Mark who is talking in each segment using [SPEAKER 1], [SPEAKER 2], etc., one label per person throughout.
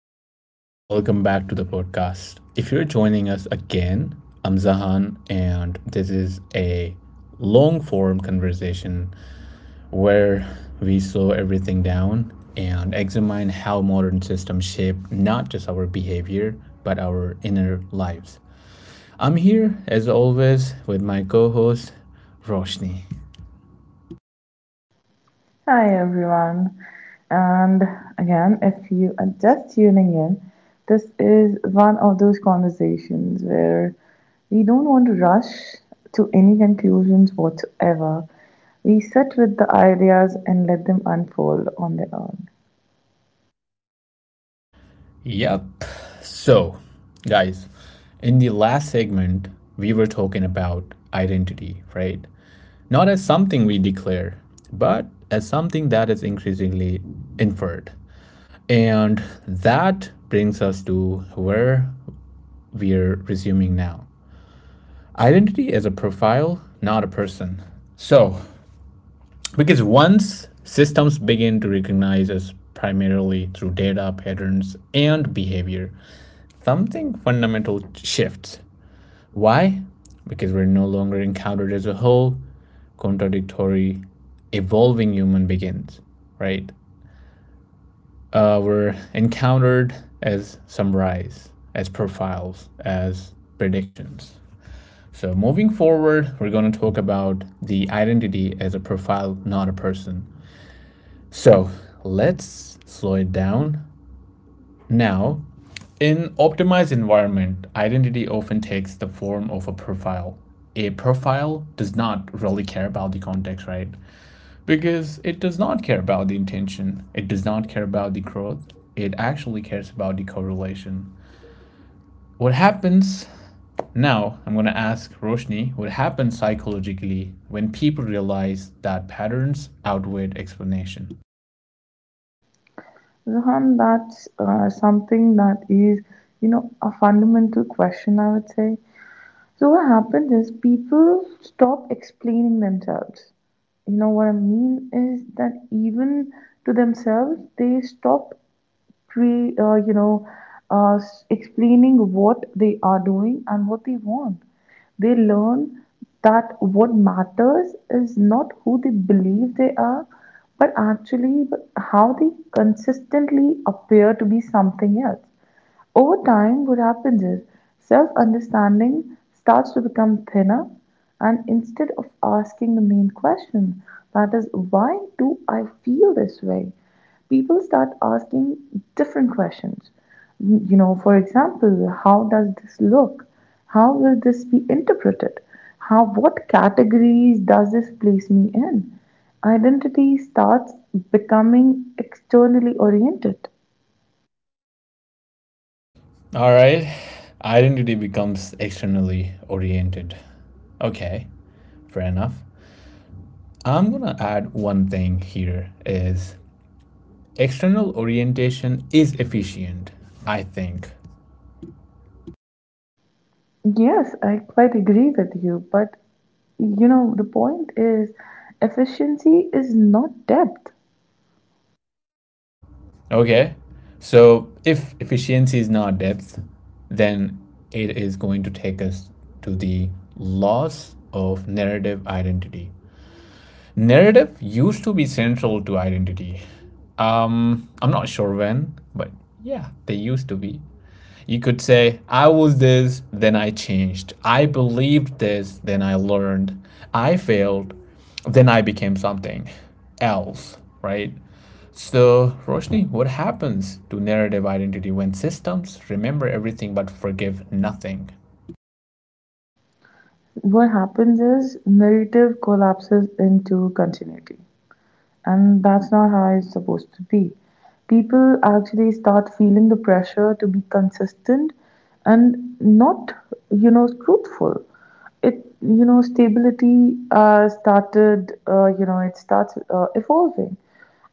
[SPEAKER 1] everyone, welcome back to the podcast. If you're joining us again, I'm Zahan, and this is a long form conversation where we slow everything down and examine how modern systems shape not just our behavior, but our inner lives. I'm here, as always, with my co host, Roshni.
[SPEAKER 2] Hi everyone, and again, if you are just tuning in, this is one of those conversations where we don't want to rush to any conclusions whatsoever. We sit with the ideas and let them unfold on their own.
[SPEAKER 1] Yep. So, guys, in the last segment, we were talking about identity, right? Not as something we declare, but as something that is increasingly inferred. And that brings us to where we're resuming now. Identity is a profile, not a person. So, because once systems begin to recognize us primarily through data, patterns, and behavior, something fundamental shifts. Why? Because we're no longer encountered as a whole, contradictory, evolving human begins, right? We're encountered as summaries, as profiles, as predictions. So, moving forward, we're going to talk about the identity as a profile, not a person. So, let's slow it down. Now, in optimized environment, identity often takes the form of a profile. A profile does not really care about the context, right? Because it does not care about the intention. It does not care about the growth. It actually cares about the correlation. What happens now, I'm going to ask Roshni what happens psychologically when people realize that patterns outweigh explanation?
[SPEAKER 2] Zohan, that's something that is, a fundamental question, I would say. So what happens is people stop explaining themselves. You know what I mean is that even to themselves they stop pre, you know s- explaining what they are doing and what they want. They learn that what matters is not who they believe they are, but how they consistently appear to be something else. Over time, what happens is self understanding starts to become thinner, and instead of asking the main question, that is, why do I feel this way? People start asking different questions. For example, how does this look? How will this be interpreted? What categories does this place me in? Identity starts becoming externally oriented.
[SPEAKER 1] All right. Identity becomes externally oriented. Okay. Fair enough. I'm going to add one thing here is external orientation is efficient, I think.
[SPEAKER 2] Yes, I quite agree with you, but the point is efficiency is not depth.
[SPEAKER 1] Okay. So if efficiency is not depth, then it is going to take us to the loss of narrative identity. Narrative used to be central to identity. I'm not sure when, but yeah, they used to be. You could say, I was this, then I changed. I believed this, then I learned. I failed, then I became something else, right? So, Roshni, what happens to narrative identity when systems remember everything but forgive nothing?
[SPEAKER 2] What happens is narrative collapses into continuity. And that's not how it's supposed to be. People actually start feeling the pressure to be consistent and not, truthful. It, stability started, it starts evolving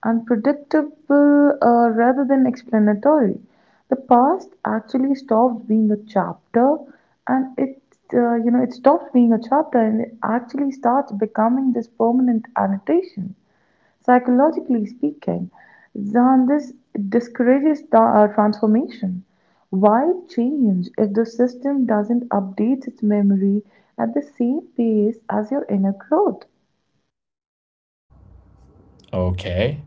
[SPEAKER 2] and predictable rather than explanatory. The past actually stops being a chapter, and it you know it stops being a chapter, and it actually starts becoming this permanent annotation. Psychologically speaking, this discourages transformation. Why change if the system doesn't update its memory at the same pace as your inner growth?
[SPEAKER 1] Okay.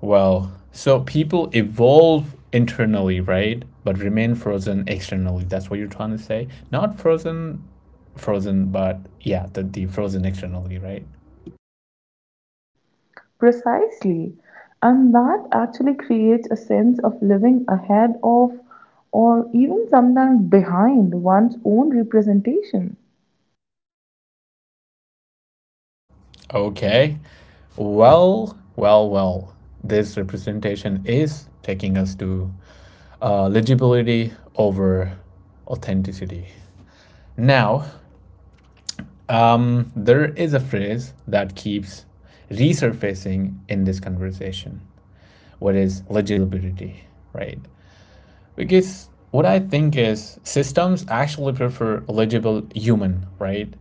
[SPEAKER 1] Well, so people evolve internally, right? But remain frozen externally. That's what you're trying to say. Not frozen, frozen, but yeah, the frozen externally, right?
[SPEAKER 2] Precisely. And that actually creates a sense of living ahead of or even sometimes behind one's own representation.
[SPEAKER 1] Okay. Well, well, well. This representation is taking us to legibility over authenticity. Now, there is a phrase that keeps resurfacing in this conversation, what is legibility, right? Because what I think is systems actually prefer legible human, right?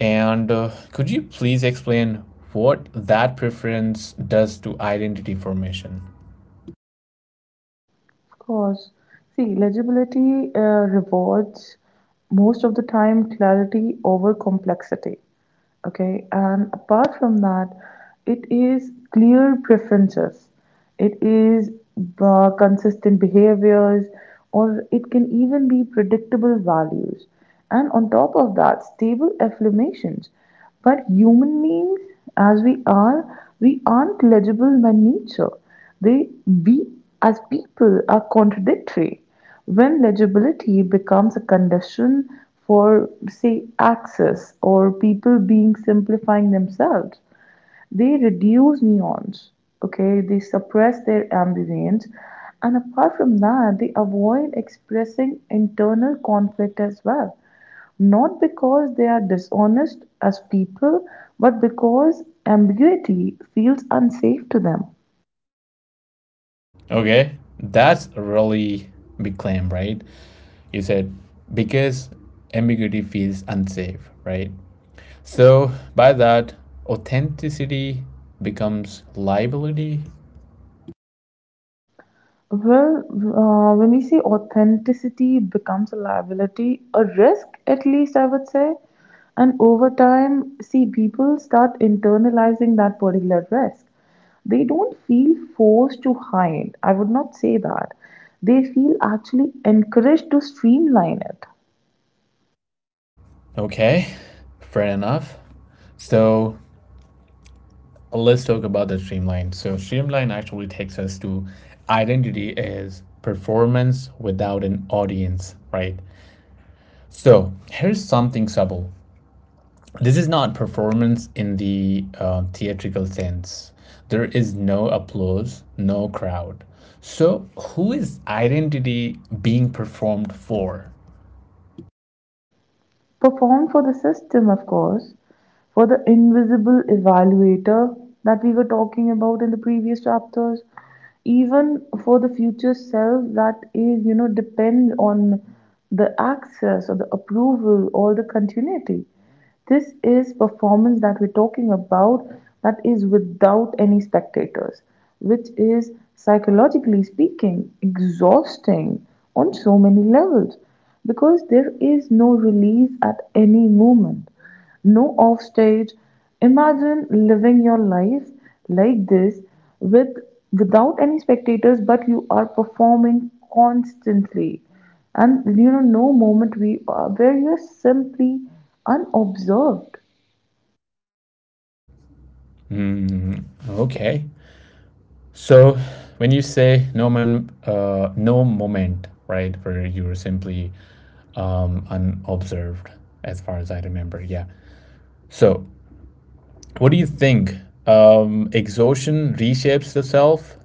[SPEAKER 1] And could you please explain what that preference does to identity formation?
[SPEAKER 2] Of course. See, legibility rewards most of the time clarity over complexity. Okay, and apart from that, it is clear preferences, it is consistent behaviors, or it can even be predictable values. And on top of that, stable affirmations. But human beings, as we are, we aren't legible by nature. We as people are contradictory. When legibility becomes a condition for, say, access or people being simplifying themselves, they reduce nuance, okay? They suppress their ambivalence. And apart from that, they avoid expressing internal conflict as well. Not because they are dishonest as people, but because ambiguity feels unsafe to them.
[SPEAKER 1] Okay, that's a really big claim, right? You said because ambiguity feels unsafe, right? So by that, authenticity becomes liability.
[SPEAKER 2] Well, when we say authenticity becomes a liability, a risk at least, I would say. And over time, see, people start internalizing that particular risk. They don't feel forced to hide. I would not say that. They feel actually encouraged to streamline it.
[SPEAKER 1] Okay, fair enough. So let's talk about the streamline. So streamline actually takes us to identity is performance without an audience, right? So here's something subtle. This is not performance in the theatrical sense. There is no applause, no crowd. So who is identity being performed for?
[SPEAKER 2] Performed for the system, of course, for the invisible evaluator that we were talking about in the previous chapters, even for the future self that is, depends on the access or the approval or the continuity. This is performance that we're talking about that is without any spectators, which is psychologically speaking exhausting on so many levels because there is no release at any moment. No offstage. Imagine living your life like this with without any spectators, but you are performing constantly, and no moment we are where you're simply unobserved.
[SPEAKER 1] Hmm, okay. So, when you say no man, no moment, right, where you were simply unobserved, as far as I remember, yeah. So, what do you think? Exhaustion reshapes the self.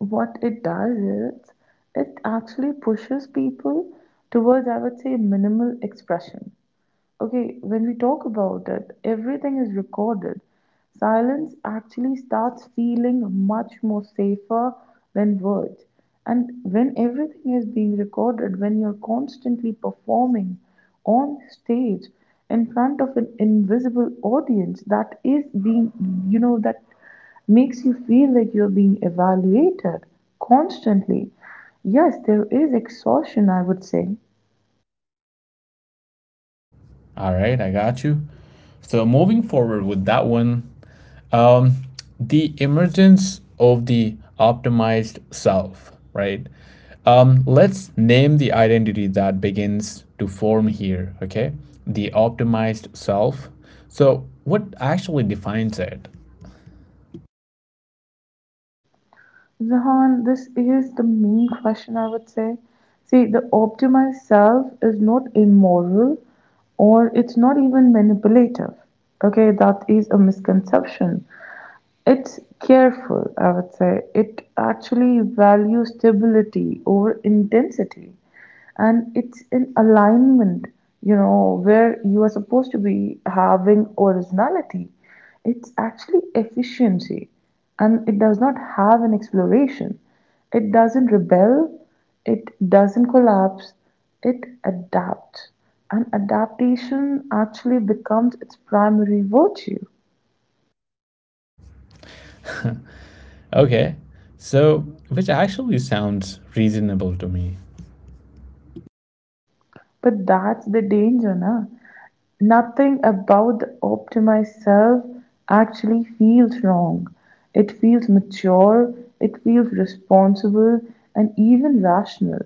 [SPEAKER 2] What it does is it actually pushes people towards, I would say, minimal expression. Okay, when we talk about it, everything is recorded. Silence actually starts feeling much more safer than words. And when everything is being recorded, when you're constantly performing on stage in front of an invisible audience that is being, you know, that makes you feel like you're being evaluated constantly. Yes, there is exhaustion, I would say.
[SPEAKER 1] All right, I got you. So, moving forward with that one. Um, the emergence of the optimized self, right? Let's name the identity that begins to form here, okay? The optimized self. So, what actually defines it?
[SPEAKER 2] Zahan, this is the main question, I would say. See, the optimized self is not immoral or it's not even manipulative. Okay, that is a misconception. It's careful, I would say. It actually values stability over intensity, and it's in alignment, where you are supposed to be having originality. It's actually efficiency, and it does not have an exploration. It doesn't rebel, it doesn't collapse, it adapts. And adaptation actually becomes its primary virtue.
[SPEAKER 1] Okay, so which actually sounds reasonable to me.
[SPEAKER 2] But that's the danger, na? Nothing about the optimized self actually feels wrong. It feels mature, it feels responsible, and even rational.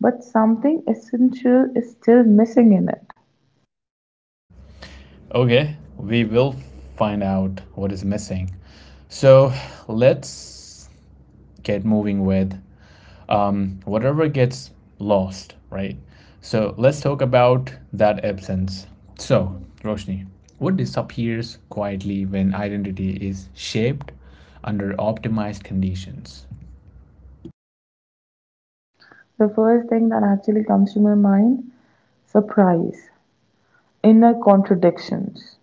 [SPEAKER 2] But something essential is still missing in it.
[SPEAKER 1] Okay, we will find out what is missing. So, let's get moving with whatever gets lost, right? So let's talk about that absence. So, Roshni, what disappears quietly when identity is shaped under optimized conditions?
[SPEAKER 2] The first thing that actually comes to my mind: surprise, inner contradictions.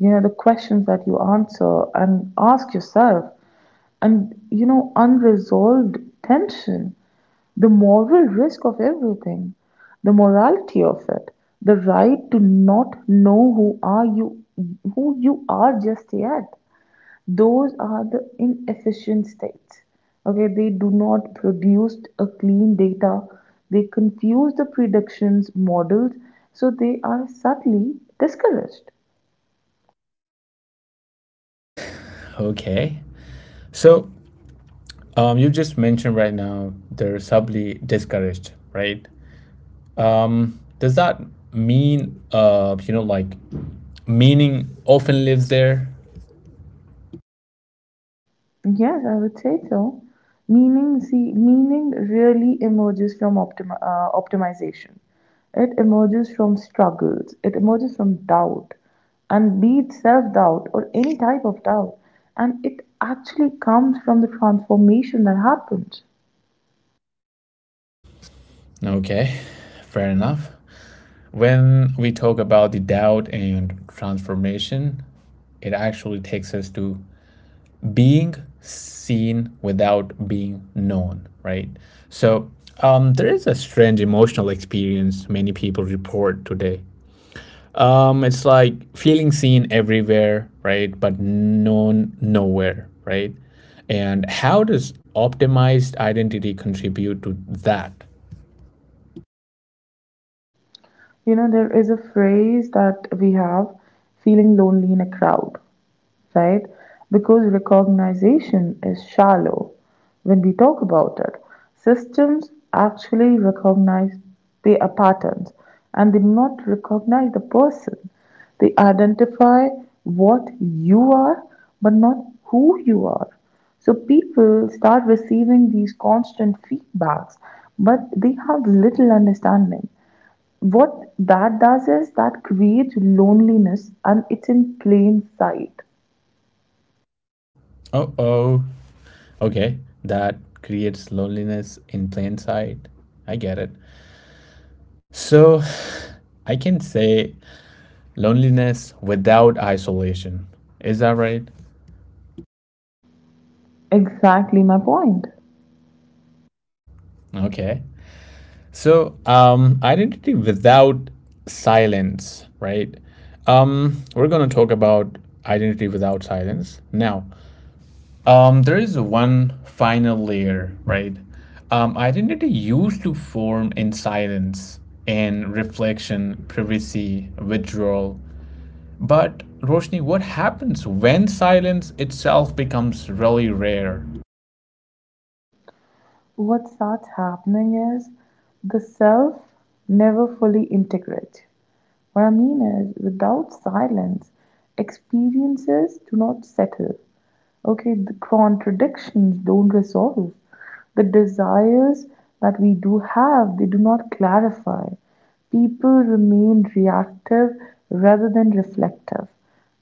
[SPEAKER 2] The questions that you answer and ask yourself, and unresolved tension. The moral risk of everything, the morality of it, the right to not know who you are just yet. Those are the inefficient states. Okay, they do not produce a clean data. They confuse the predictions models, so they are subtly discouraged.
[SPEAKER 1] Okay. So, you just mentioned right now they're subtly discouraged, right? Does that mean, you know, like meaning often lives there?
[SPEAKER 2] Yes, I would say so. Meaning, see, meaning really emerges from optimization. It emerges from struggles. It emerges from doubt, and be it self-doubt or any type of doubt, and it actually comes from the transformation that happens.
[SPEAKER 1] Okay, fair enough. When we talk about the doubt and transformation, it actually takes us to being seen without being known, right? So there is a strange emotional experience many people report today. It's like feeling seen everywhere, right? But known nowhere, right? And how does optimized identity contribute to that?
[SPEAKER 2] There is a phrase that we have, feeling lonely in a crowd. Right? Because recognition is shallow when we talk about it. Systems actually recognize the patterns, and they do not recognize the person. They identify what you are but not who you are. So people start receiving these constant feedbacks, but they have little understanding. What that does is that creates loneliness, and it's in plain sight.
[SPEAKER 1] Uh oh. Okay, that creates loneliness in plain sight. I get it. So, I can say loneliness without isolation. Is that right?
[SPEAKER 2] Exactly my point.
[SPEAKER 1] Okay. So, identity without silence, right? We're going to talk about identity without silence. Now, there is one final layer, right? Identity used to form in silence, in reflection, privacy, withdrawal. But Roshni, what happens when silence itself becomes really rare?
[SPEAKER 2] What starts happening is the self never fully integrates. What I mean is, without silence, experiences do not settle. Okay, the contradictions don't resolve. The desires that we do have, they do not clarify. People remain reactive rather than reflective.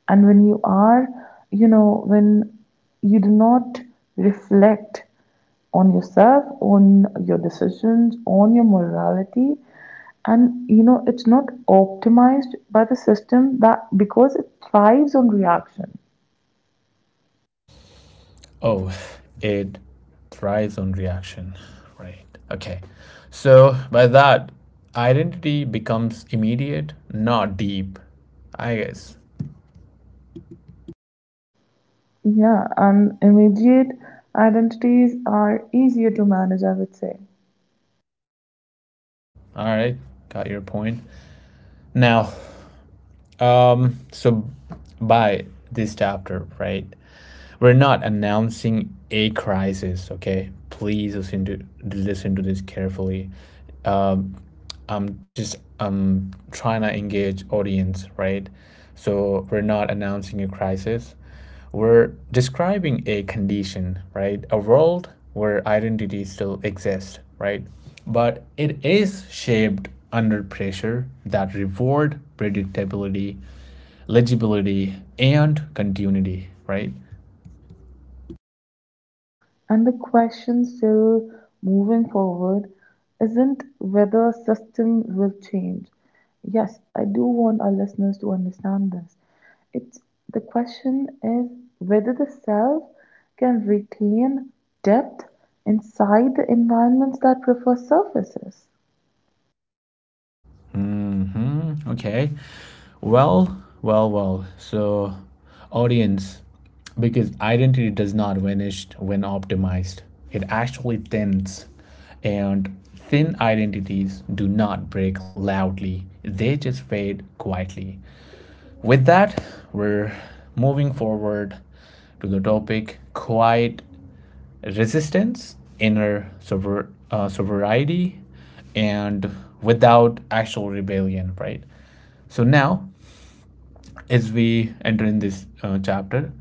[SPEAKER 2] And when you are, you know, when you do not reflect on yourself, on your decisions, on your morality. And it's not optimized by the system, that because it thrives on reaction.
[SPEAKER 1] Oh, it thrives on reaction, right? Okay. So by that, identity becomes immediate, not deep. I guess.
[SPEAKER 2] Yeah, and immediate identities are easier to manage, I would say.
[SPEAKER 1] All right, got your point. Now, so by this chapter, right? We're not announcing a crisis, okay? Please listen to this carefully. Um, I'm just trying to engage audience, right? So we're not announcing a crisis. We're describing a condition, right? A world where identity still exists, right? But it is shaped under pressure that reward predictability, legibility, and continuity, right?
[SPEAKER 2] And the question still, moving forward, isn't whether system will change. Yes, I do want our listeners to understand this. It's the question is whether the self can retain depth inside the environments that prefer surfaces.
[SPEAKER 1] Hmm, okay. Well, well, well. So, audience, because identity does not vanish when optimized, it actually thins. And thin identities do not break loudly, they just fade quietly. With that, we're moving forward to the topic quiet resistance, sobriety, and without actual rebellion, right? So now as we enter in this chapter,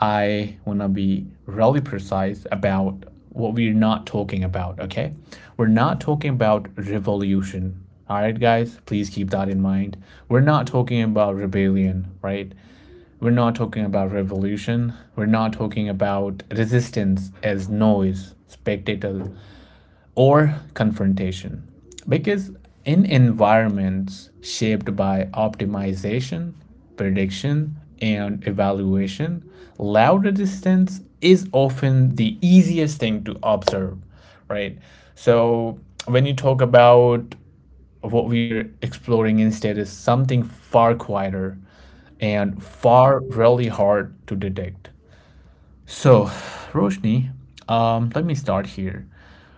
[SPEAKER 1] I want to be really precise about what we're not talking about, okay? We're not talking about revolution. All right, guys, please keep that in mind. We're not talking about rebellion, right? We're not talking about revolution. We're not talking about resistance as noise, spectacle, or confrontation. Because in environments shaped by optimization, prediction, and evaluation, loud resistance is often the easiest thing to observe, right? So when you talk about, what we're exploring instead is something far quieter and far really hard to detect. So, Roshni, let me start here.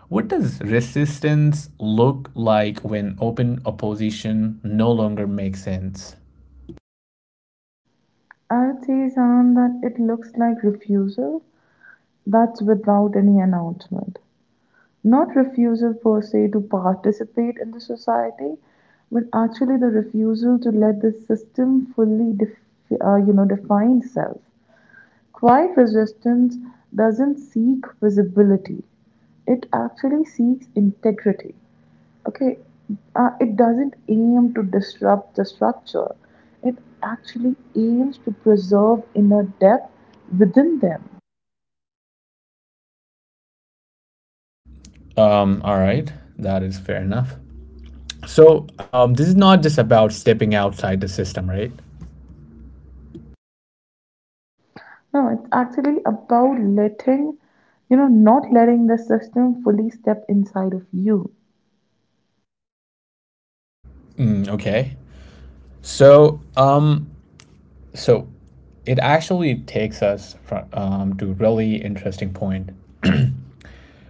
[SPEAKER 1] What does resistance look like when open opposition no longer makes sense?
[SPEAKER 2] I would say, Sam, that it looks like refusal that's without any announcement. Not refusal per se to participate in the society, but actually the refusal to let the system fully define self. Quiet resistance doesn't seek visibility, it actually seeks integrity. Okay, it doesn't aim to disrupt the structure, it actually aims to preserve inner depth within them.
[SPEAKER 1] All right, that is fair enough. So, this is not just about stepping outside the system, right?
[SPEAKER 2] No, it's actually about not letting the system fully step inside of you.
[SPEAKER 1] Mm, okay. So, so it actually takes us to really interesting point,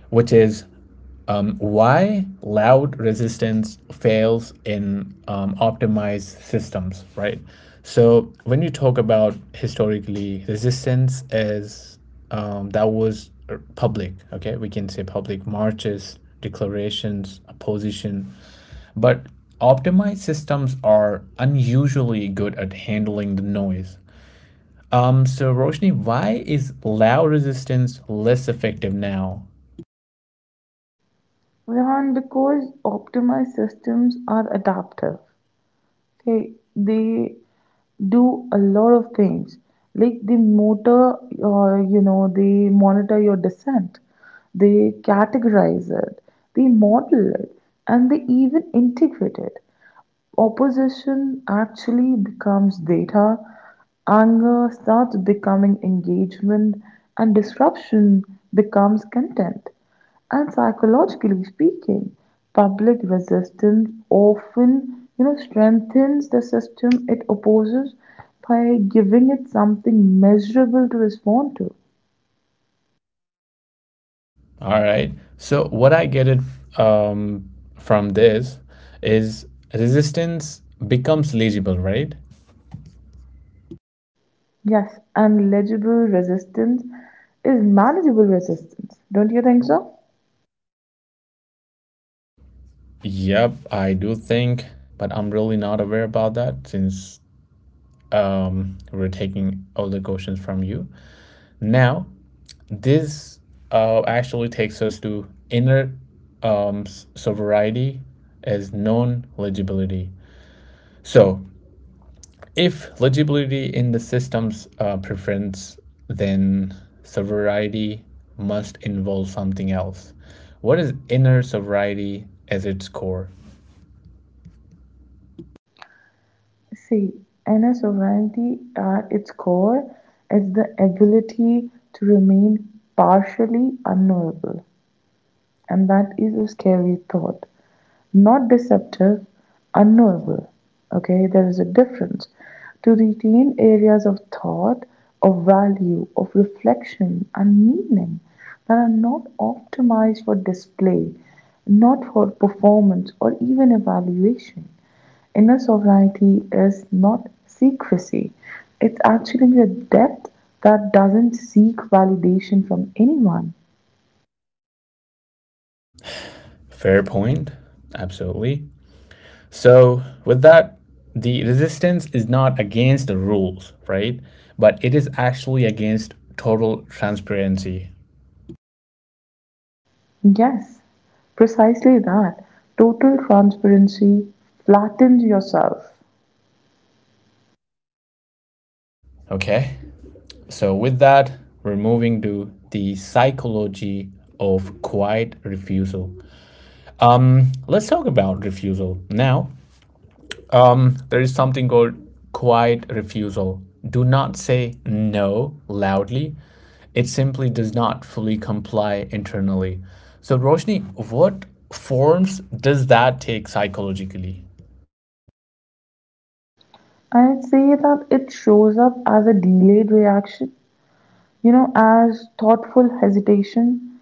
[SPEAKER 1] which is why loud resistance fails in optimized systems, right? So when you talk about historically, resistance is that was public. Okay, we can say public marches, declarations, opposition, but optimized systems are unusually good at handling the noise. So Roshni, why is loud resistance less effective now?
[SPEAKER 2] Rehan, because optimized systems are adaptive. Okay, they do a lot of things. Like they monitor your descent, they categorize it, they model it, and they even integrate it. Opposition actually becomes data, anger starts becoming engagement, and disruption becomes content. And psychologically speaking, public resistance often strengthens the system it opposes by giving it something measurable to respond to.
[SPEAKER 1] All right. So what I get it um, from this is resistance becomes legible, right?
[SPEAKER 2] Yes, and legible resistance is manageable resistance. Don't you think so?
[SPEAKER 1] Yep, I do think, but I'm really not aware about that since we're taking all the questions from you. Now, this actually takes us to inner um, sobriety as known legibility. So if legibility in the system's preference, then sobriety must involve something else. What is inner sobriety as its core?
[SPEAKER 2] See, inner sovereignty at its core is the ability to remain partially unknowable, and that is a scary thought, not deceptive, unknowable. Okay, there is a difference. To retain areas of thought, of value, of reflection, and meaning that are not optimized for display, not for performance or even evaluation. Inner sovereignty is not secrecy, it's actually the depth that doesn't seek validation from anyone.
[SPEAKER 1] Fair point. Absolutely. So, with that, the resistance is not against the rules, right? But it is actually against total transparency.
[SPEAKER 2] Yes, precisely that. Total transparency flattens yourself.
[SPEAKER 1] Okay? So, with that, we're moving to the psychology of quiet refusal. Let's talk about refusal. Now, there is something called quiet refusal. Do not say no loudly. It simply does not fully comply internally. So, Roshni, what forms does that take psychologically?
[SPEAKER 2] I'd say that it shows up as a delayed reaction, as thoughtful hesitation,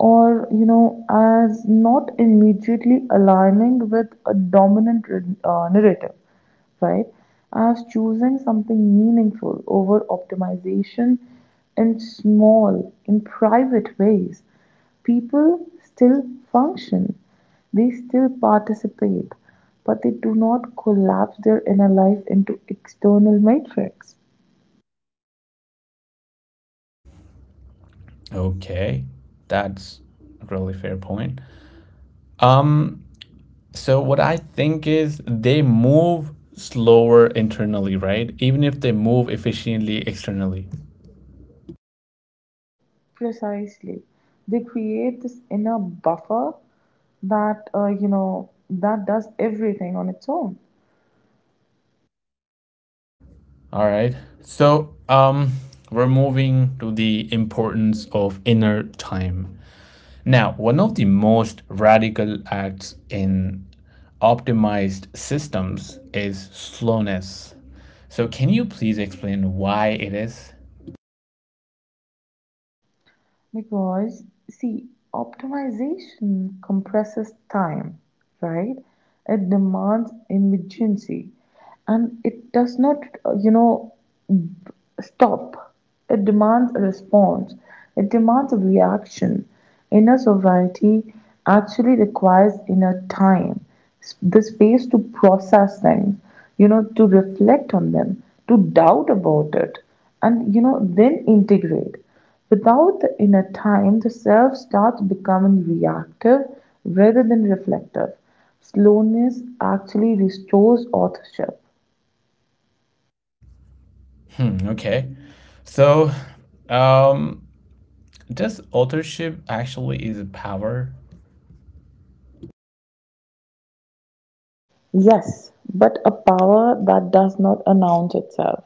[SPEAKER 2] or, as not immediately aligning with a dominant narrative. Right? As choosing something meaningful over optimization, in small, in private ways. People still function, they still participate, but they do not collapse their inner life into external matrix.
[SPEAKER 1] Okay, that's a really fair point. Um, so what I think is they move slower internally, right? Even if they move efficiently externally.
[SPEAKER 2] Precisely. They create this inner buffer that does everything on its own.
[SPEAKER 1] All right. So we're moving to the importance of inner time. Now, one of the most radical acts in optimized systems is slowness. So, can you please explain why it is?
[SPEAKER 2] Because, see, optimization compresses time, right? It demands immediacy and it does not, uh, you know, stop. It demands a response. It demands a reaction. Inner sobriety actually requires inner time, the space to process things, to reflect on them, to doubt about it, and, then integrate. Without the inner time, the self starts becoming reactive rather than reflective. Slowness actually restores authorship.
[SPEAKER 1] Hmm, okay. So, um, does authorship actually is a power?
[SPEAKER 2] Yes, but a power that does not announce itself.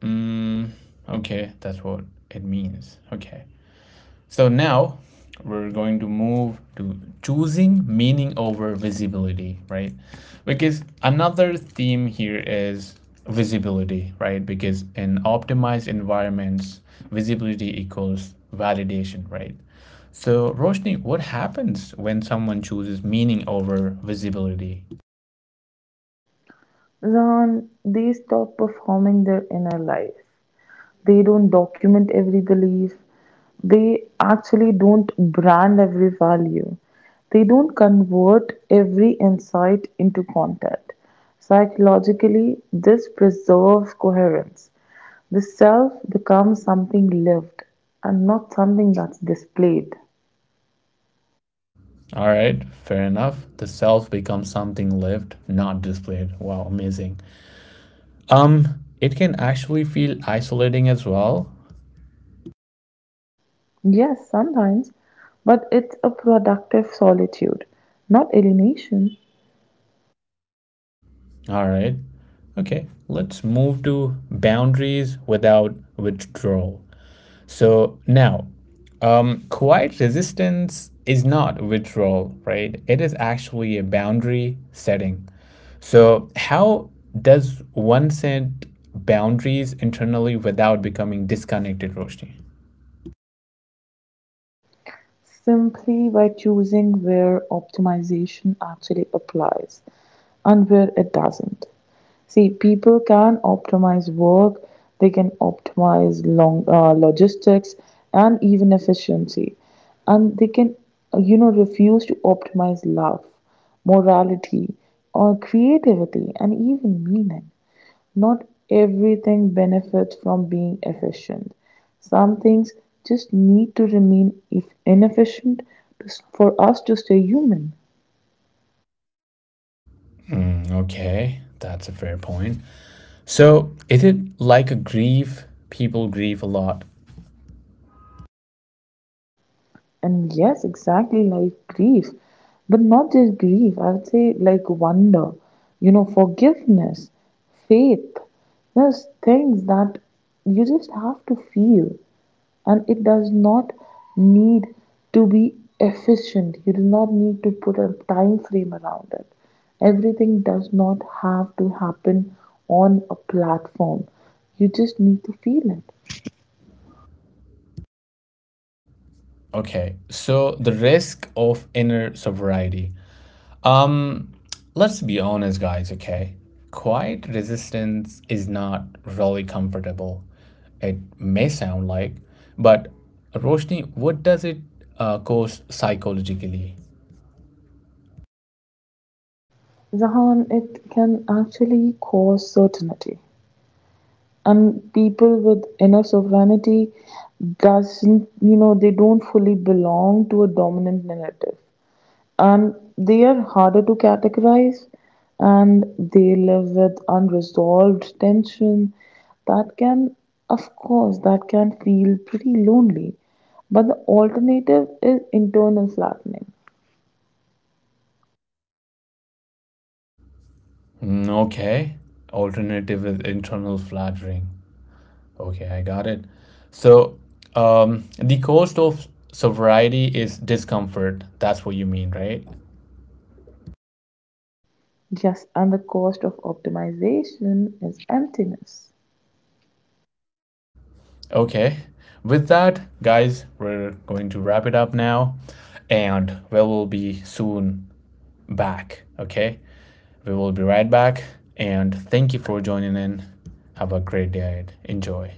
[SPEAKER 1] Mm, okay, that's what it means. Okay. So now we're going to move to choosing meaning over visibility, right? Because another theme here is visibility, right? Because in optimized environments, visibility equals validation, right? So, Roshni, what happens when someone chooses meaning over visibility?
[SPEAKER 2] Ron, they stop performing their inner life. They don't document every belief. They actually don't brand every value. They don't convert every insight into content. Psychologically, this preserves coherence. The self becomes something lived and not something that's displayed.
[SPEAKER 1] All right, fair enough. The self becomes something lived, not displayed. Wow, amazing. It can actually feel isolating as well.
[SPEAKER 2] Yes, sometimes, but it's a productive solitude, not alienation,
[SPEAKER 1] All right. Okay, let's move to boundaries without withdrawal. So now, quiet resistance is not withdrawal, right? It is actually a boundary setting. So, how does one set boundaries internally without becoming disconnected, Roshni?
[SPEAKER 2] simply by choosing where optimization actually applies and where it doesn't. See, people can optimize work, they can optimize long logistics and even efficiency, and they can, refuse to optimize love, morality, or creativity, and even meaning. Not everything benefits from being efficient. Some things just need to remain if inefficient, to, for us to stay human.
[SPEAKER 1] Mm, okay, that's a fair point. So, is it like a grief? People grieve a lot.
[SPEAKER 2] And yes, exactly like grief, but not just grief, I would say, like wonder, forgiveness, faith. There's things that you just have to feel, and it does not need to be efficient. You do not need to put a time frame around it. Everything does not have to happen on a platform. You just need to feel it.
[SPEAKER 1] Okay, so the risk of inner sobriety. Um, let's be honest, guys, okay? Quiet resistance is not really comfortable. It may sound like, but Roshni, what does it cause psychologically?
[SPEAKER 2] Zahan, it can actually cause certainty, and people with inner sovereignty doesn't you know they don't fully belong to a dominant narrative, and they are harder to categorize, and they live with unresolved tension that can of course that can feel pretty lonely, but the alternative is internal flattening.
[SPEAKER 1] Mm, okay, alternative is internal flattering. Okay, I got it. So, the cost of sobriety is discomfort. That's what you mean, right?
[SPEAKER 2] Yes, and the cost of optimization is emptiness.
[SPEAKER 1] Okay. With that, guys, we're going to wrap it up now. And we will be soon back. Okay. We will be right back. And thank you for joining in. Have a great day. Enjoy.